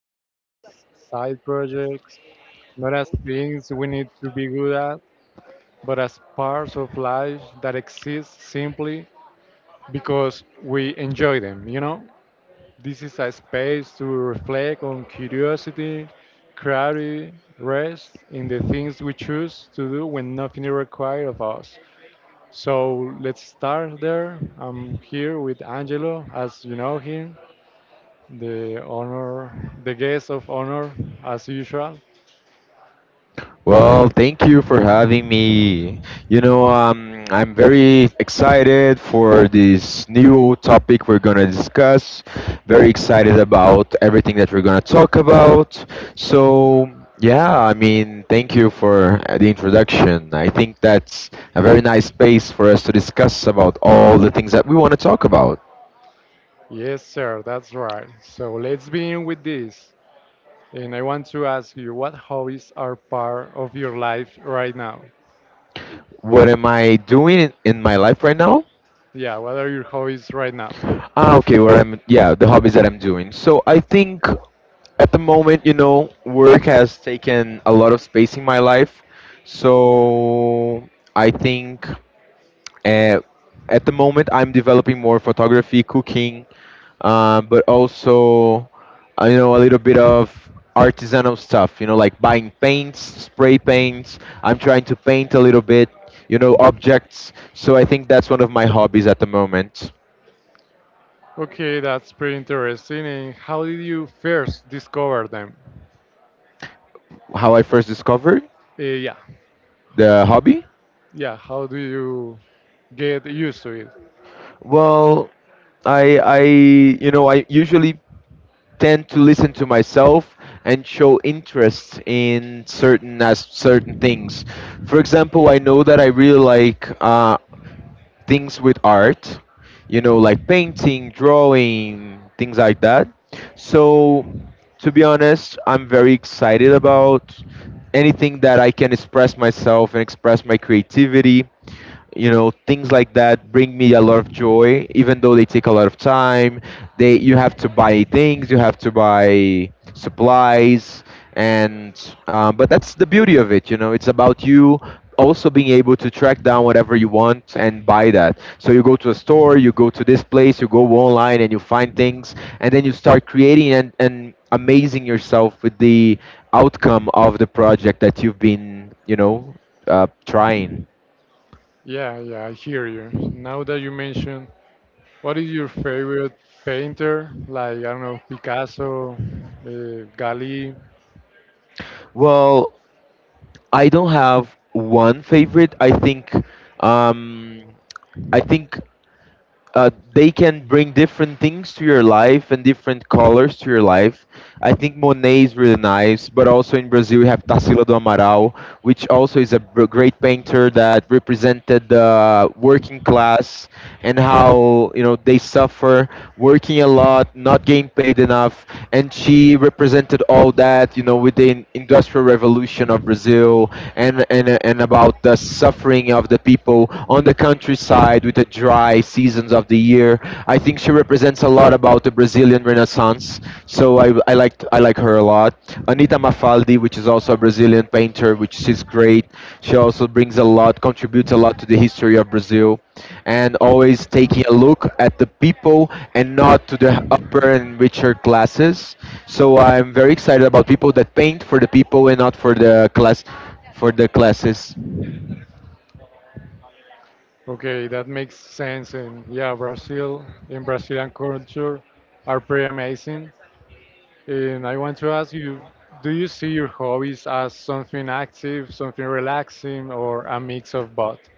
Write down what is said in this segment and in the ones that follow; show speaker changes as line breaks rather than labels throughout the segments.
not as side projects, not as things we need to be good at, but as parts of life that exist simply because we enjoy them, you know? This is a space to reflect on curiosity, clarity, rest in the things we choose to do when nothing is required of us. So let's start there. I'm here with Angelo, as you know him, the honor, the guest of honor, as usual.
Well, thank you for having me. I'm very excited for this new topic we're gonna discuss. Very excited about everything that we're gonna talk about. So, yeah, I mean, thank you for the introduction. I think that's a very nice space for us to discuss about all the things that we want to talk about.
Yes, sir, that's right. So let's begin with this. And I want to ask you, what hobbies are part of your life right now?
What am I doing in my life right now?
Yeah, what are your hobbies right now?
Ah, okay. Yeah, the hobbies that I'm doing. So I think at the moment, work has taken a lot of space in my life. So I think uh, at the moment I'm developing more photography, cooking, but also, a little bit of artisanal stuff, like buying paints, spray paints. I'm trying to paint a little bit, objects. So I think that's one of my hobbies at the moment.
Okay, that's pretty interesting. And how did you first discover them?
How I first discovered
Yeah,
the hobby?
yeah. How do you get used to it?
Well, I I usually tend to listen to myself and show interest in certain as certain things. For example, I know that I really like things with art, like painting, drawing, things like that. So, to be honest, I'm very excited about anything that I can express myself and express my creativity. Things like that bring me a lot of joy, even though they take a lot of time. They You have to buy things, you have to buy supplies. And But that's the beauty of it. It's about you also being able to track down whatever you want and buy that. So you go to a store, you go to this place, you go online and you find things, and then you start creating and amazing yourself with the outcome of the project that you've been trying.
Yeah, yeah, I hear you. Now that you mention, what is your favorite painter? Like, I don't know, Picasso, Gali.
Well, I don't have one favorite. Um, I think they can bring different things to your life and different colors to your life. I think Monet is really nice, but also in Brazil we have Tarsila do Amaral, which also is a great painter that represented the working class and how they suffer working a lot, not getting paid enough, and she represented all that, with the industrial revolution of Brazil and about the suffering of the people on the countryside with the dry seasons of the year. I think she represents a lot about the Brazilian Renaissance. So I like her a lot. Anita Mafaldi, which is also a Brazilian painter, which is great. She also brings a lot, contributes a lot to the history of Brazil and always taking a look at the people and not to the upper and richer classes. So I'm very excited about people that paint for the people and not for the classes.
Okay, that makes sense. And yeah, Brazil and Brazilian culture are pretty amazing. And I want to ask you, do you see your hobbies as something active, something relaxing, or a mix of both?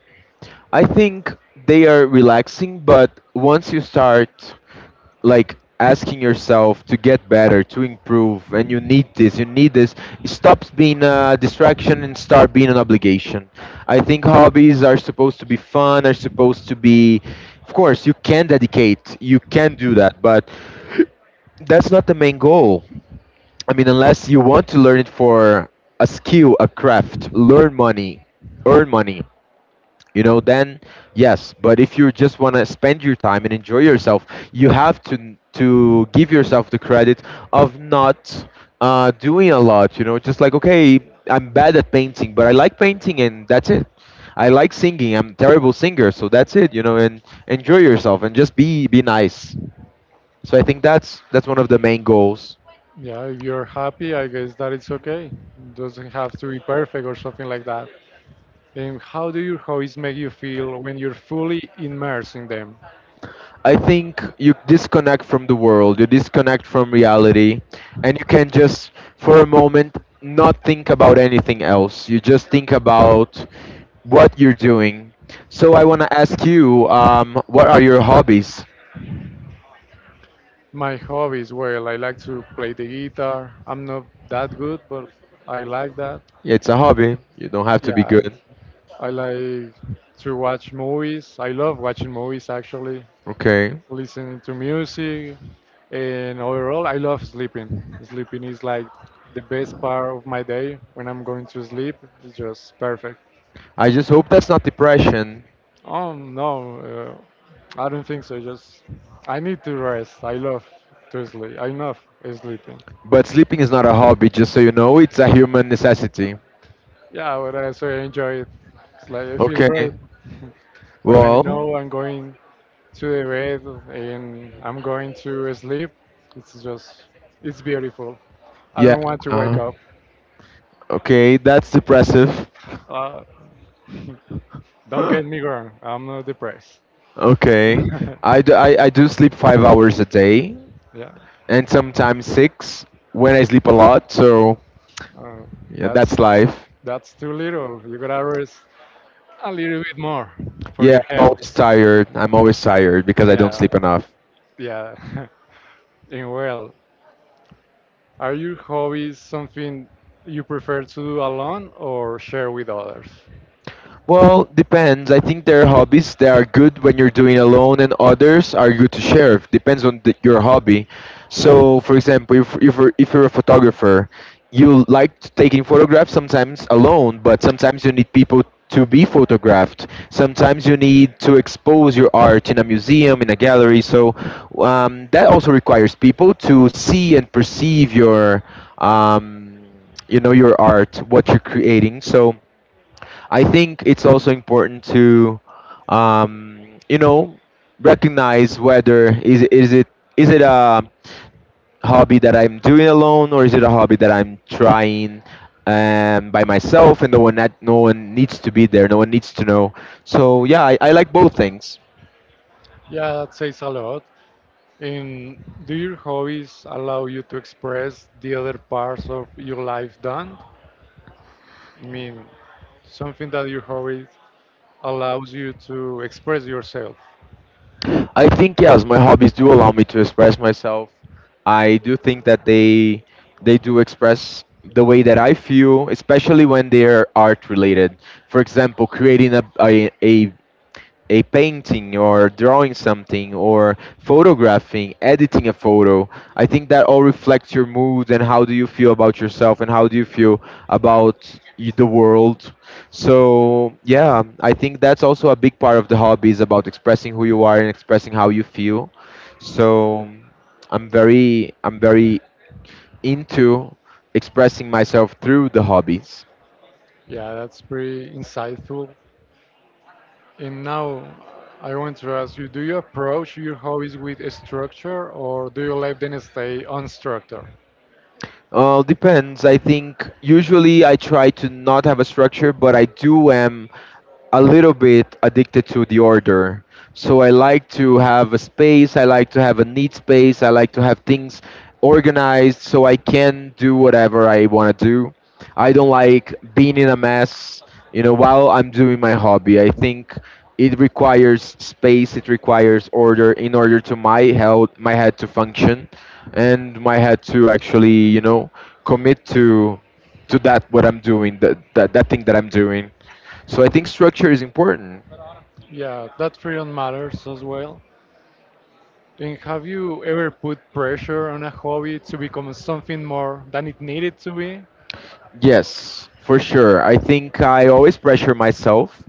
I think they are relaxing, but once you start like asking yourself to get better, to improve, and you need this, it stops being a distraction and start being an obligation. I think hobbies are supposed to be fun, are supposed to be, of course, you can dedicate, you can do that, but that's not the main goal. I mean, unless you want to learn it for a skill, a craft, earn money, then yes. But if you just want to spend your time and enjoy yourself, you have to give yourself the credit of not doing a lot. Just like, okay, I'm bad at painting, but I like painting, and that's it. I like singing, I'm a terrible singer, so that's it. And enjoy yourself and just be nice. So I think that's one of the main goals.
Yeah, if you're happy, I guess that it's okay. Doesn't have to be perfect or something like that. And how do your hobbies make you feel when you're fully immersed in them?
I think you disconnect from the world, you disconnect from reality, and you can just, for a moment, not think about anything else. You just think about what you're doing. So I want to ask you, what are your hobbies?
My hobbies, well, I like to play the guitar. I'm not that good, but I like that.
Yeah, it's a hobby. You don't have to be
Yeah,
good.
it's, I like to watch movies. I love watching movies actually,
Okay.
listening to music, and overall, I love sleeping. Sleeping is like the best part of my day when I'm going to sleep. It's just perfect.
I just hope that's not depression.
No, I don't think so. Just I need to rest. I love to sleep. I love sleeping.
But sleeping is not a hobby, just so you know. It's a human necessity.
Yeah, but I so enjoy it. It's like I feel great
Okay.
when I
Well,
know I'm going to the bed and I'm going to sleep. It's just it's beautiful. I
yeah.
don't want to wake
uh,
up.
okay, that's depressive.
Uh, don't get me wrong. I'm not depressed.
Okay. I do sleep 5 hours a day
yeah,
and sometimes six when I sleep a lot. So
uh,
yeah,
that's
that's life.
that's too little. You gotta rest. A little bit more for
Yeah,
your
I'm
health.
always tired. I'm always tired because I don't
Yeah,
sleep enough.
yeah. And well, are your hobbies something you prefer to do alone or share with others?
Well, depends. I think there are hobbies that are good when you're doing alone, and others are good to share. Depends on your hobby. So, for example, if you're a photographer, you like taking photographs sometimes alone, but sometimes you need people to be photographed. Sometimes you need to expose your art in a museum, in a gallery. So that also requires people to see and perceive um, your art, what you're creating. So I think it's also important to, um, you know, recognize whether is it a hobby that I'm doing alone or is it a hobby that I'm trying by myself and no one needs to be there, no one needs to know. So yeah, I like both things.
Yeah, that says a lot. And do your hobbies allow you to express the other parts of your life done? I mean, something that your hobbies allows you to express yourself.
I think yes, my hobbies do allow me to express myself. I do think that they do express the way that I feel, especially when they're art related. For example, creating a painting or drawing something or photographing, editing a photo. I think that all reflects your mood and how do you feel about yourself and how do you feel about the world. So, yeah, I think that's also a big part of the hobby is about expressing who you are and expressing how you feel. So, I'm very into expressing myself through the hobbies.
Yeah, that's pretty insightful. And now I want to ask you, do you approach your hobbies with a structure or do you let them stay unstructured?
Depends. I think usually I try to not have a structure, but I do am a little bit addicted to the order. So I like to have a space, I like to have a neat space, I like to have things organized so I can do whatever I want to do. I don't like being in a mess, while I'm doing my hobby. I think it requires space, it requires order in order to my health, my head to function and my head to actually, commit to that what I'm doing, that thing that I'm doing. So I think structure is important.
Yeah, that period matters as well. And have you ever put pressure on a hobby to become something more than it needed to be?
Yes, for sure. I think I always pressure myself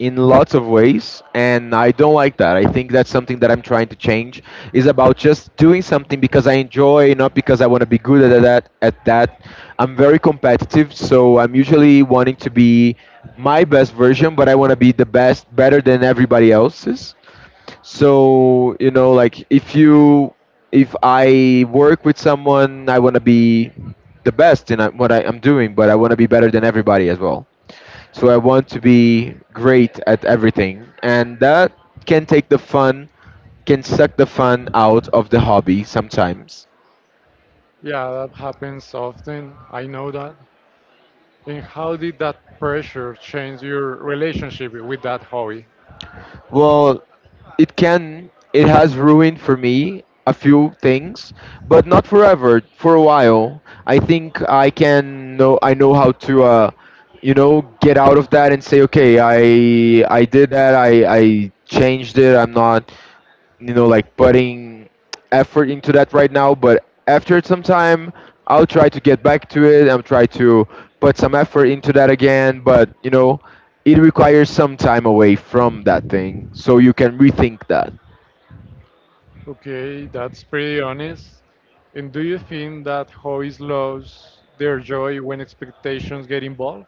in lots of ways and I don't like that. I think that's something that I'm trying to change is about just doing something because I enjoy, not because I want to be good at that. I'm very competitive, so I'm usually wanting to be my best version, but I want to be the best better than everybody else's. So, you know, like if I work with someone, I want to be the best in what I am doing, but I want to be better than everybody as well. So I want to be great at everything, and that can take the fun, can suck the fun out of the hobby sometimes.
Yeah, that happens often. I know that. And how did that pressure change your relationship with that hobby?
Well, it can. It has ruined for me a few things, but not forever. For a while, I think I can know. I know how to, get out of that and say, okay, I did that. I changed it. I'm not like putting effort into that right now. But after some time, I'll try to get back to it. I'll try to put some effort into that again. But it requires some time away from that thing, so you can rethink that.
Okay, that's pretty honest. And do you think that hobbies lose their joy when expectations get involved?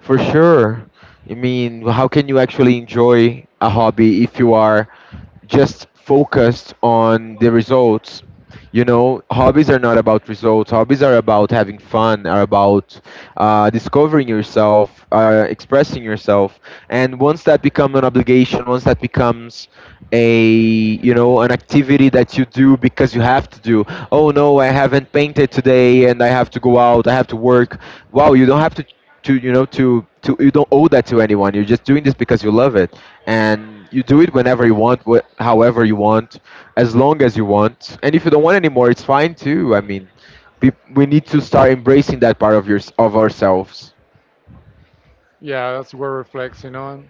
For sure. I mean, how can you actually enjoy a hobby if you are just focused on the results? Hobbies are not about results. Hobbies are about having fun, are about discovering yourself, expressing yourself. And once that becomes an obligation, once that becomes a you know an activity that you do because you have to do. Oh no, I haven't painted today and I have to go out, I have to work. Wow, you don't have to. You don't owe that to anyone. You're just doing this because you love it, and you do it whenever you want, however you want, as long as you want. And if you don't want anymore, it's fine too. I mean, we need to start embracing that part of your of ourselves.
Yeah, that's what we're reflecting on.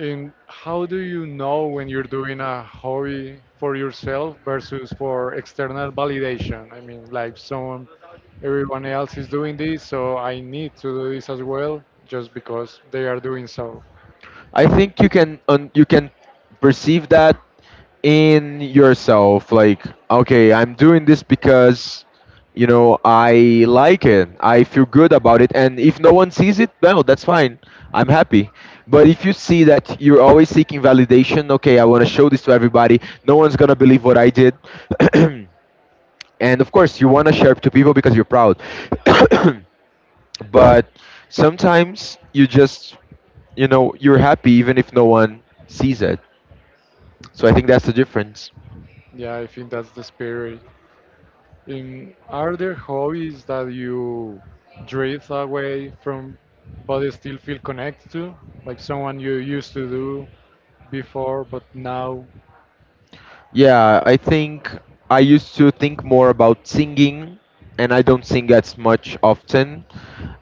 And how do you know when you're doing a hobby for yourself versus for external validation? I mean, like someone, everyone else is doing this, so I need to do this as well, just because they are doing so.
I think you can you can perceive that in yourself, like, okay, I'm doing this because, you know, I like it, I feel good about it, and if no one sees it, no, that's fine, I'm happy. But if you see that you're always seeking validation, okay, I want to show this to everybody, no one's gonna believe what I did. And of course you want to share it to people because you're proud. But sometimes you just, you know, you're happy even if no one sees it. So I think that's the difference.
Yeah, I think that's the spirit. In are there hobbies that you drift away from but still feel connected to? Like someone you used to do before but now
Yeah, I think I used to think more about singing, and I don't sing as much often.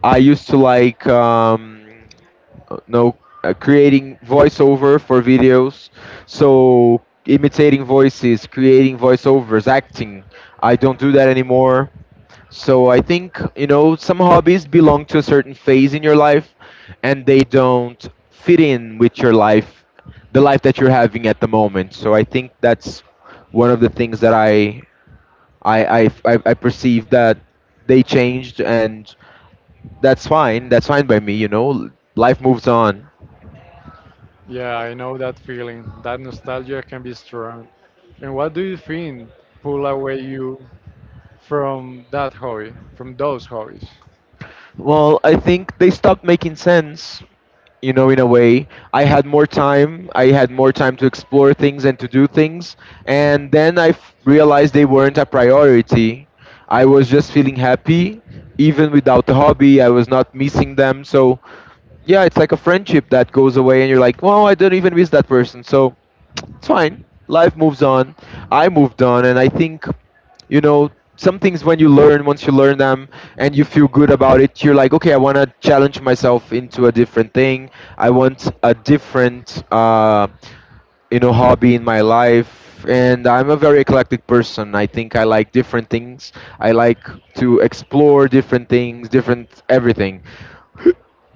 I used to like no creating voiceover for videos. So imitating voices, creating voiceovers, acting, I don't do that anymore. So I think, you know, some hobbies belong to a certain phase in your life and they don't fit in with your life, the life that you're having at the moment. So I think that's one of the things that I perceive that they changed, and that's fine. That's fine by me, you know. Life moves on.
yeah, I know that feeling. That nostalgia can be strong. And what do you think pull away you from that hobby, from those hobbies?
Well, I think they stopped making sense, you know, in a way. I had more time, to explore things and to do things, and then I realized they weren't a priority. I was just feeling happy even without the hobby, I was not missing them. So yeah, it's like a friendship that goes away and you're like, well, I don't even miss that person. So it's fine, life moves on. I moved on. And I think, you know, some things when you learn, once you learn them and you feel good about it, you're like, okay, I want to challenge myself into a different thing. I want a different you know, hobby in my life. And I'm a very eclectic person, I think. I like different things, I like to explore different things, different everything,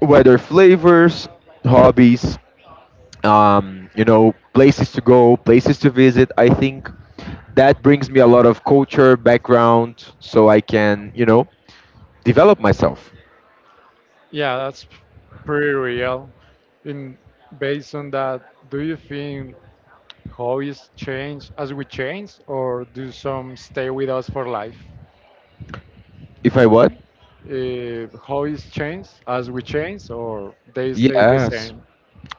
whether flavors, hobbies, you know, places to go, places to visit. I think that brings me a lot of culture background so I can, you know, develop myself
Yeah, that's pretty real. In based on that, do you think hobbies change as we change, or do some stay with us for life?
if I want.
Hobbies change as we change, or they stay the
Yes.
same?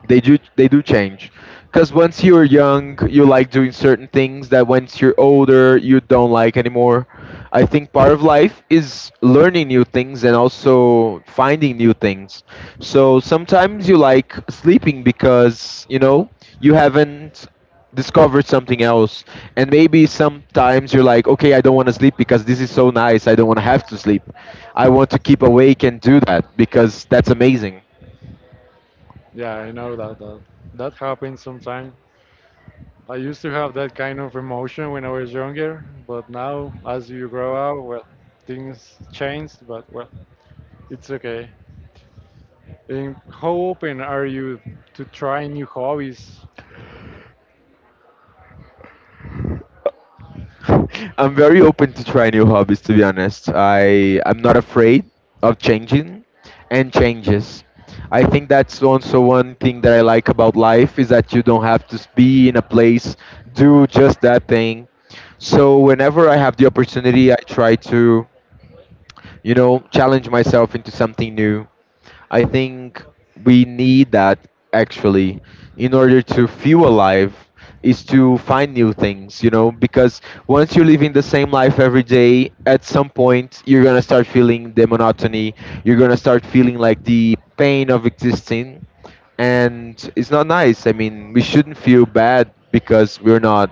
They do, they do change, because once you're young you like doing certain things that once you're older you don't like anymore. I think part of life is learning new things and also finding new things. So sometimes you like sleeping because, you know, you haven't discovered something else. And maybe sometimes you're like, okay, I don't want to sleep because this is so nice, I don't want to have to sleep, I want to keep awake and do that because that's amazing.
Yeah, I know that happens sometimes. I used to have that kind of emotion when I was younger, but now as you grow up, well, things change, but well, it's okay. And how open are you to try new hobbies?
I'm very open to try new hobbies. To be honest, I'm not afraid of changing, and changes. I think that's also one thing that I like about life, is that you don't have to be in a place, do just that thing. So whenever I have the opportunity, I try to, you know, challenge myself into something new. I think we need that, actually, in order to feel alive, is to find new things, you know, because once you're living the same life every day, at some point you're going to start feeling the monotony, you're going to start feeling like the pain of existing, and it's not nice. I mean, we shouldn't feel bad because we're not,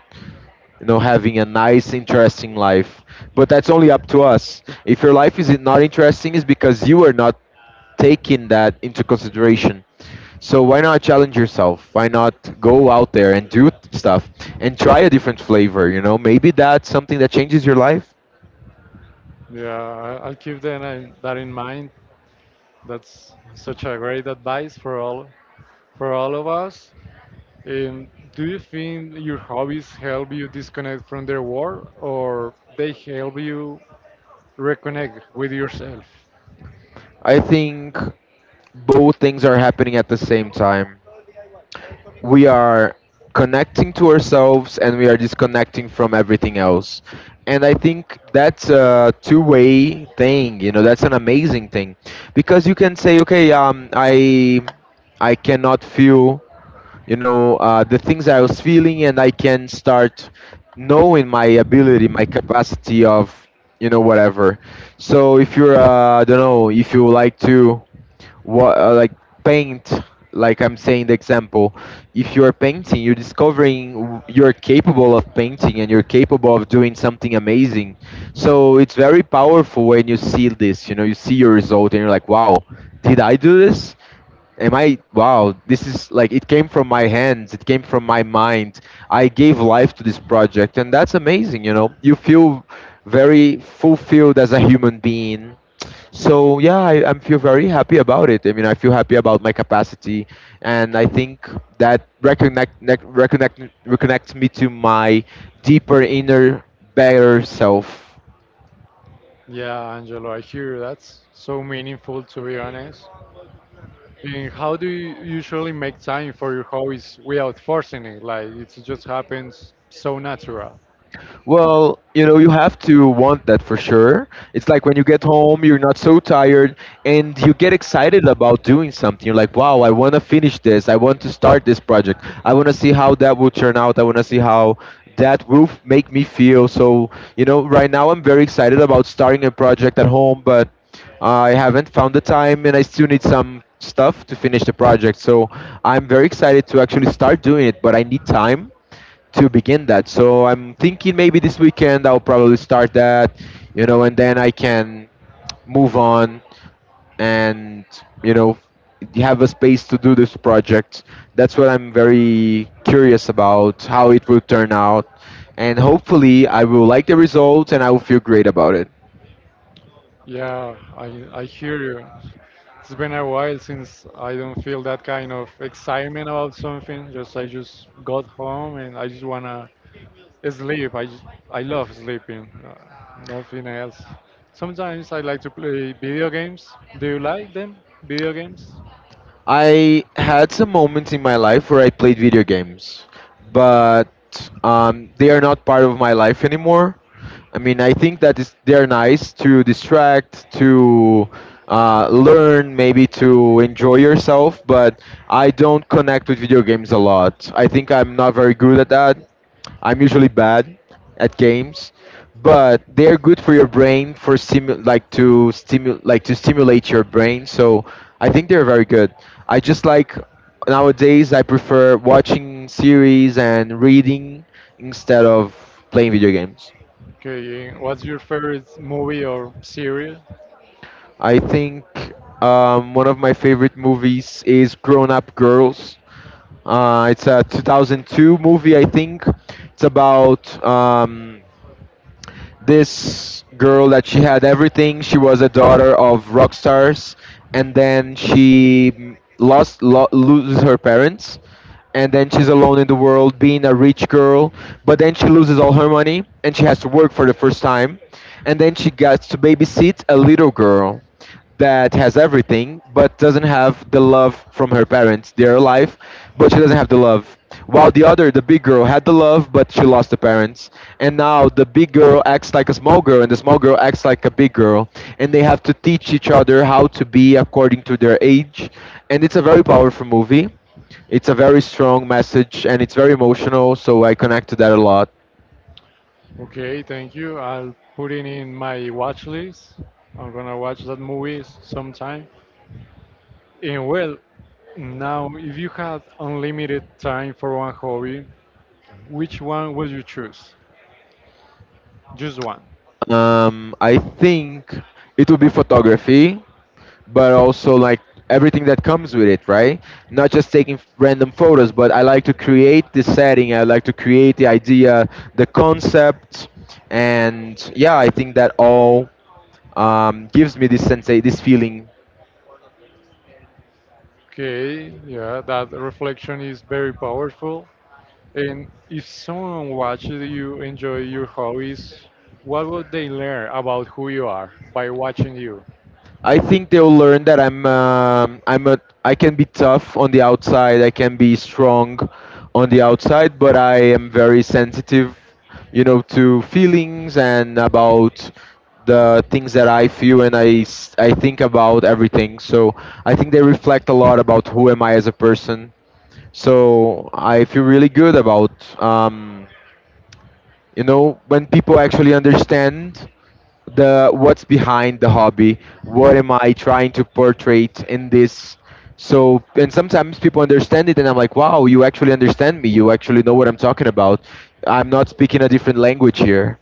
you know, having a nice interesting life. But that's only up to us. If your life is not interesting, is because you are not taking that into consideration. So why not challenge yourself? Why not go out there and do stuff and try a different flavor? You know, maybe that's something that changes your life.
Yeah, I'll keep that in mind. That's such a great advice for all of us. Do you think your hobbies help you disconnect from the world, or they help you reconnect with yourself?
I think both things are happening at the same time. We are connecting to ourselves and we are disconnecting from everything else. And I think that's a two-way thing. You know, that's an amazing thing, because you can say, okay, I cannot feel, you know, the things I was feeling, and I can start knowing my ability, my capacity of, you know, whatever. So if you're I don't know, if you like to what, like paint, like I'm saying the example, if you're painting, you're discovering you're capable of painting and you're capable of doing something amazing. So it's very powerful when you see this, you know, you see your result and you're like, wow, did I do this? Am I, wow, this is like it came from my hands, it came from my mind, I gave life to this project, and that's amazing. You know, you feel very fulfilled as a human being. So yeah, I feel very happy about it. I mean, I feel happy about my capacity. And I think that reconnects me to my deeper inner better self.
Yeah, Angelo, I hear that's so meaningful to be honest. And how do you usually make time for your hobbies without forcing it? Like it just happens so natural.
Well, you know, you have to want that, for sure. It's like when you get home, you're not so tired and you get excited about doing something. You're like, wow, I want to finish this, I want to start this project, I want to see how that will turn out, I want to see how that will make me feel. So, you know, right now I'm very excited about starting a project at home, but I haven't found the time and I still need some stuff to finish the project. So I'm very excited to actually start doing it, but I need time to begin that. So I'm thinking maybe this weekend I'll probably start that, you know, and then I can move on and, you know, have a space to do this project. That's what I'm very curious about, how it will turn out. And hopefully I will like the result and I will feel great about it.
Yeah, I hear you. It's been a while since I don't feel that kind of excitement about something. Just I just got home and I just wanna sleep. I love sleeping. Nothing else. Sometimes I like to play video games. Do you like them? Video games?
I had some moments in my life where I played video games, but they are not part of my life anymore. I mean, I think that is, they are nice to distract, to learn, maybe to enjoy yourself, but I don't connect with video games a lot. I think I'm not very good at that. I'm usually bad at games, but they are good for your brain, for like to stimulate your brain. So I think they're very good. I just like, nowadays I prefer watching series and reading instead of playing video games.
Okay, what's your favorite movie or series?
I think one of my favorite movies is Grown Up Girls. It's a 2002 movie, I think. It's about this girl that she had everything. She was a daughter of rock stars, and then she loses her parents, and then she's alone in the world, being a rich girl. But then she loses all her money, and she has to work for the first time, and then she gets to babysit a little girl that has everything but doesn't have the love from her parents. They're alive, but she doesn't have the love. While the other, the big girl, had the love but she lost the parents. And now the big girl acts like a small girl and the small girl acts like a big girl. And they have to teach each other how to be according to their age. And it's a very powerful movie. It's a very strong message and it's very emotional, so I connect to that a lot.
Okay, thank you. I'll put it in my watch list. I'm gonna watch that movie sometime. And well, now, if you had unlimited time for one hobby, which one would you choose? Just one.
I think it would be photography, but also like everything that comes with it, right? Not just taking random photos, but I like to create the setting, I like to create the idea, the concept, and yeah, I think that all, gives me this sense, this feeling.
Okay, yeah, that reflection is very powerful. And if someone watches you enjoy your hobbies, what would they learn about who you are by watching you?
I think they'll learn that I'm a I can be tough on the outside, I can be strong on the outside, but I am very sensitive, you know, to feelings and about the things that I feel, and I I think about everything. So I think they reflect a lot about who am I as a person. So I feel really good about, um, you know, when people actually understand the what's behind the hobby, what am I trying to portray in this. So, and sometimes people understand it and I'm like, wow, you actually understand me, you actually know what I'm talking about, I'm not speaking a different language here.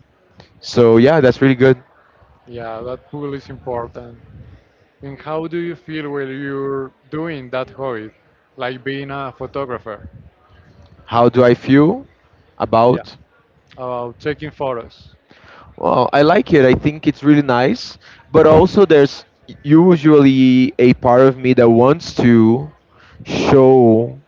So yeah, that's really good.
Yeah, that pool is important. And how do you feel when you're doing that hobby, like being a photographer?
How do I feel
Yeah,
about?
about taking photos.
Well, I like it, I think it's really nice. But also, there's usually a part of me that wants to show,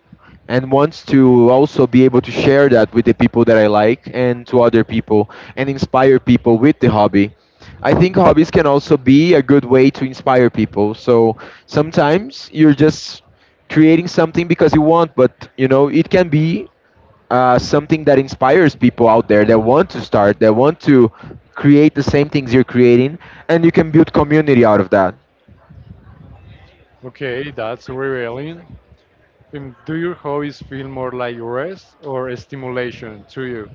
and wants to also be able to share that with the people that I like and to other people, and inspire people with the hobby. I think hobbies can also be a good way to inspire people. So sometimes you're just creating something because you want, but you know, it can be something that inspires people out there that want to start, that want to create the same things you're creating, and you can build community out of that.
Okay, that's revealing. And do your hobbies feel more like rest or stimulation to you?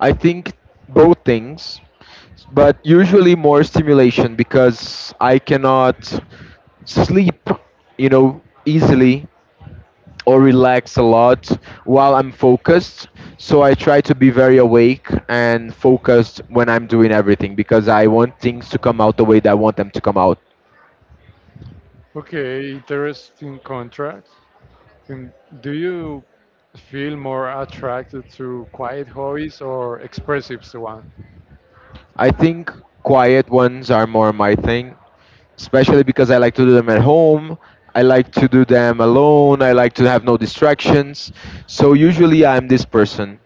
I think both things, but usually more stimulation because I cannot sleep, you know, easily or relax a lot while I'm focused. So I try to be very awake and focused when I'm doing everything because I want things to come out the way that I want them to come out.
Okay, interesting contrast. And do you feel more attracted to quiet hobbies or expressive ones?
I think quiet ones are more my thing, especially because I like to do them at home. I like to do them alone. I like to have no distractions. So usually I'm this person.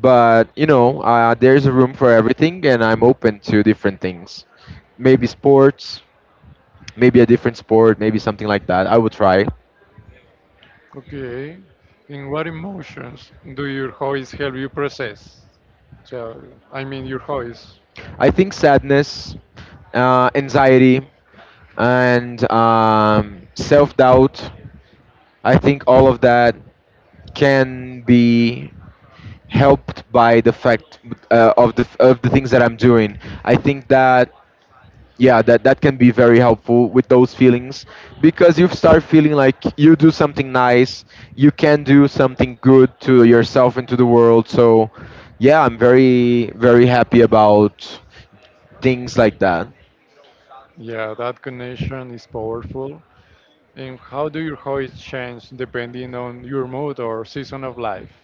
But, you know, there's a room for everything and I'm open to different things. Maybe sports, maybe a different sport, maybe something like that. I would try.
Okay. And what emotions do your hobbies help you process? So, I mean, your hobbies.
I think sadness, anxiety, and self doubt. I think all of that can be helped by the fact of the things that I'm doing. I think that yeah, that can be very helpful with those feelings because you start feeling like you do something nice, you can do something good to yourself and to the world. So yeah, I'm very happy about things like that.
Yeah, that connection is powerful. And how do your hobbies change depending on your mood or season of life?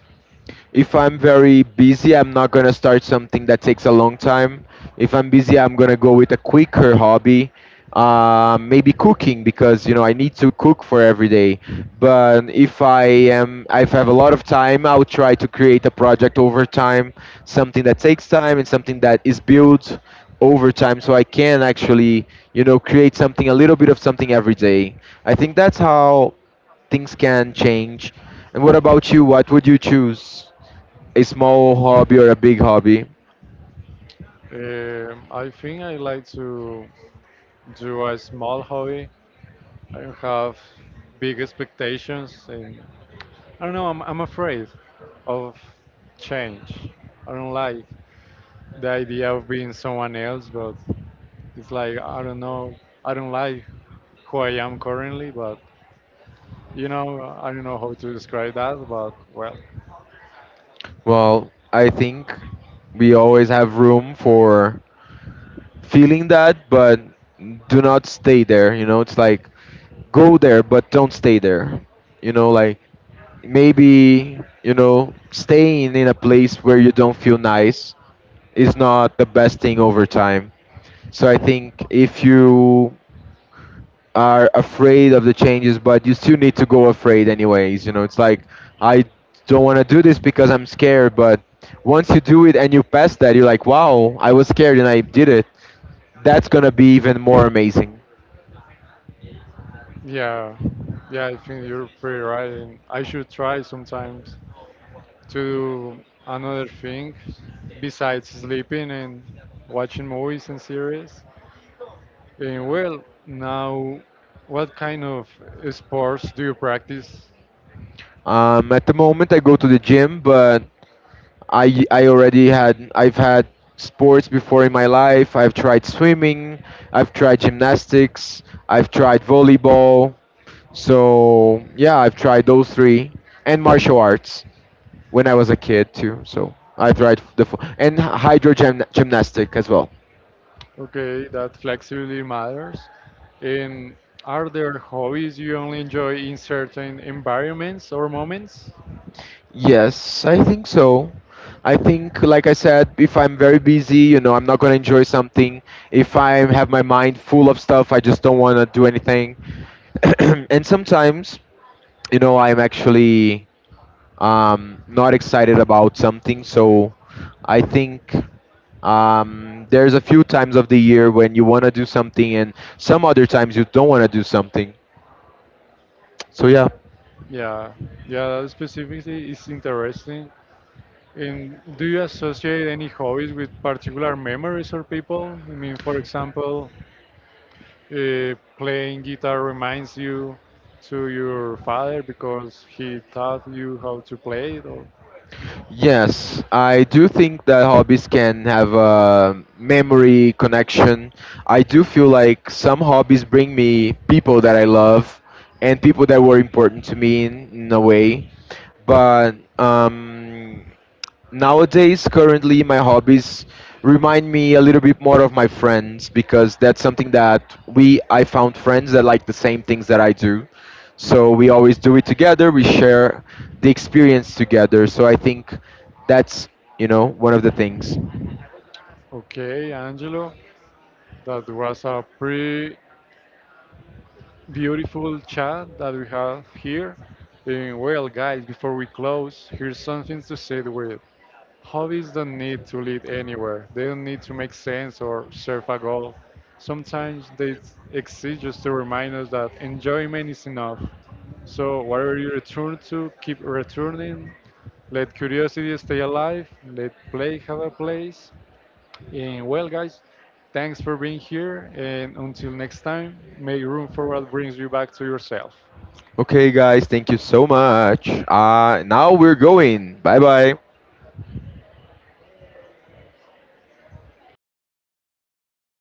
If I'm very busy, I'm not gonna start something that takes a long time. If I'm busy, I'm gonna go with a quicker hobby, maybe cooking because you know I need to cook for every day. But if I have a lot of time, I'll try to create a project over time, something that takes time and something that is built over time, so I can actually, you know, create something, a little bit of something every day. I think that's how things can change. And what about you? What would you choose? A small hobby or a big hobby?
I think I like to do a small hobby. I don't have big expectations, and I don't know. I'm afraid of change. I don't like the idea of being someone else, but it's like I don't know. I don't like who I am currently, but you know, I don't know how to describe that. But well,
Well, I think we always have room for feeling that, but do not stay there. You know, it's like go there, but don't stay there. You know, like maybe, you know, staying in a place where you don't feel nice is not the best thing over time. So I think if you are afraid of the changes, but you still need to go afraid anyways. You know, it's like I don't want to do this because I'm scared, but once you do it and you pass that, you're like, wow, I was scared and I did it. That's gonna be even more amazing.
yeah, yeah. I think you're pretty right, and I should try sometimes to do another thing besides sleeping and watching movies and series. And well, now, what kind of sports do you practice?
At the moment, I go to the gym, but I've had sports before in my life. I've tried swimming, I've tried gymnastics, I've tried volleyball. So yeah, I've tried those three and martial arts. When I was a kid too. So I tried the and hydro gym, gymnastic as well.
Okay, that flexibility matters. And are there hobbies you only enjoy in certain environments or moments?
Yes, I think so. I think, like I said, if I'm very busy, you know, I'm not gonna enjoy something. If I have my mind full of stuff, I just don't wanna do anything. And sometimes, you know, I'm actually, not excited about something. So I think, there's a few times of the year when you wanna do something, and some other times you don't wanna do something. So yeah,
Yeah, yeah, that specifically is interesting. And do you associate any hobbies with particular memories or people? I mean, for example, playing guitar reminds you to your father because he taught you how to play it. Or,
yes, I do think that hobbies can have a memory connection. I do feel like some hobbies bring me people that I love and people that were important to me in a way. But nowadays currently my hobbies remind me a little bit more of my friends because that's something that we I found friends that like the same things that I do so we always do it together we share the experience together so I think that's you know one of the things.
okay, Angelo, that was a pretty beautiful chat that we have here. And well, guys, before we close, here's something to say with. How is the need to lead anywhere? They don't need to make sense or serve a goal. Sometimes they exist just to remind us that enjoyment is enough. So, whatever you return to, keep returning. Let curiosity stay alive. Let play have a place. And well, guys, thanks for being here. And until next time, make room for what brings you back to yourself.
Okay guys, thank you so much. Now we're going. Bye bye.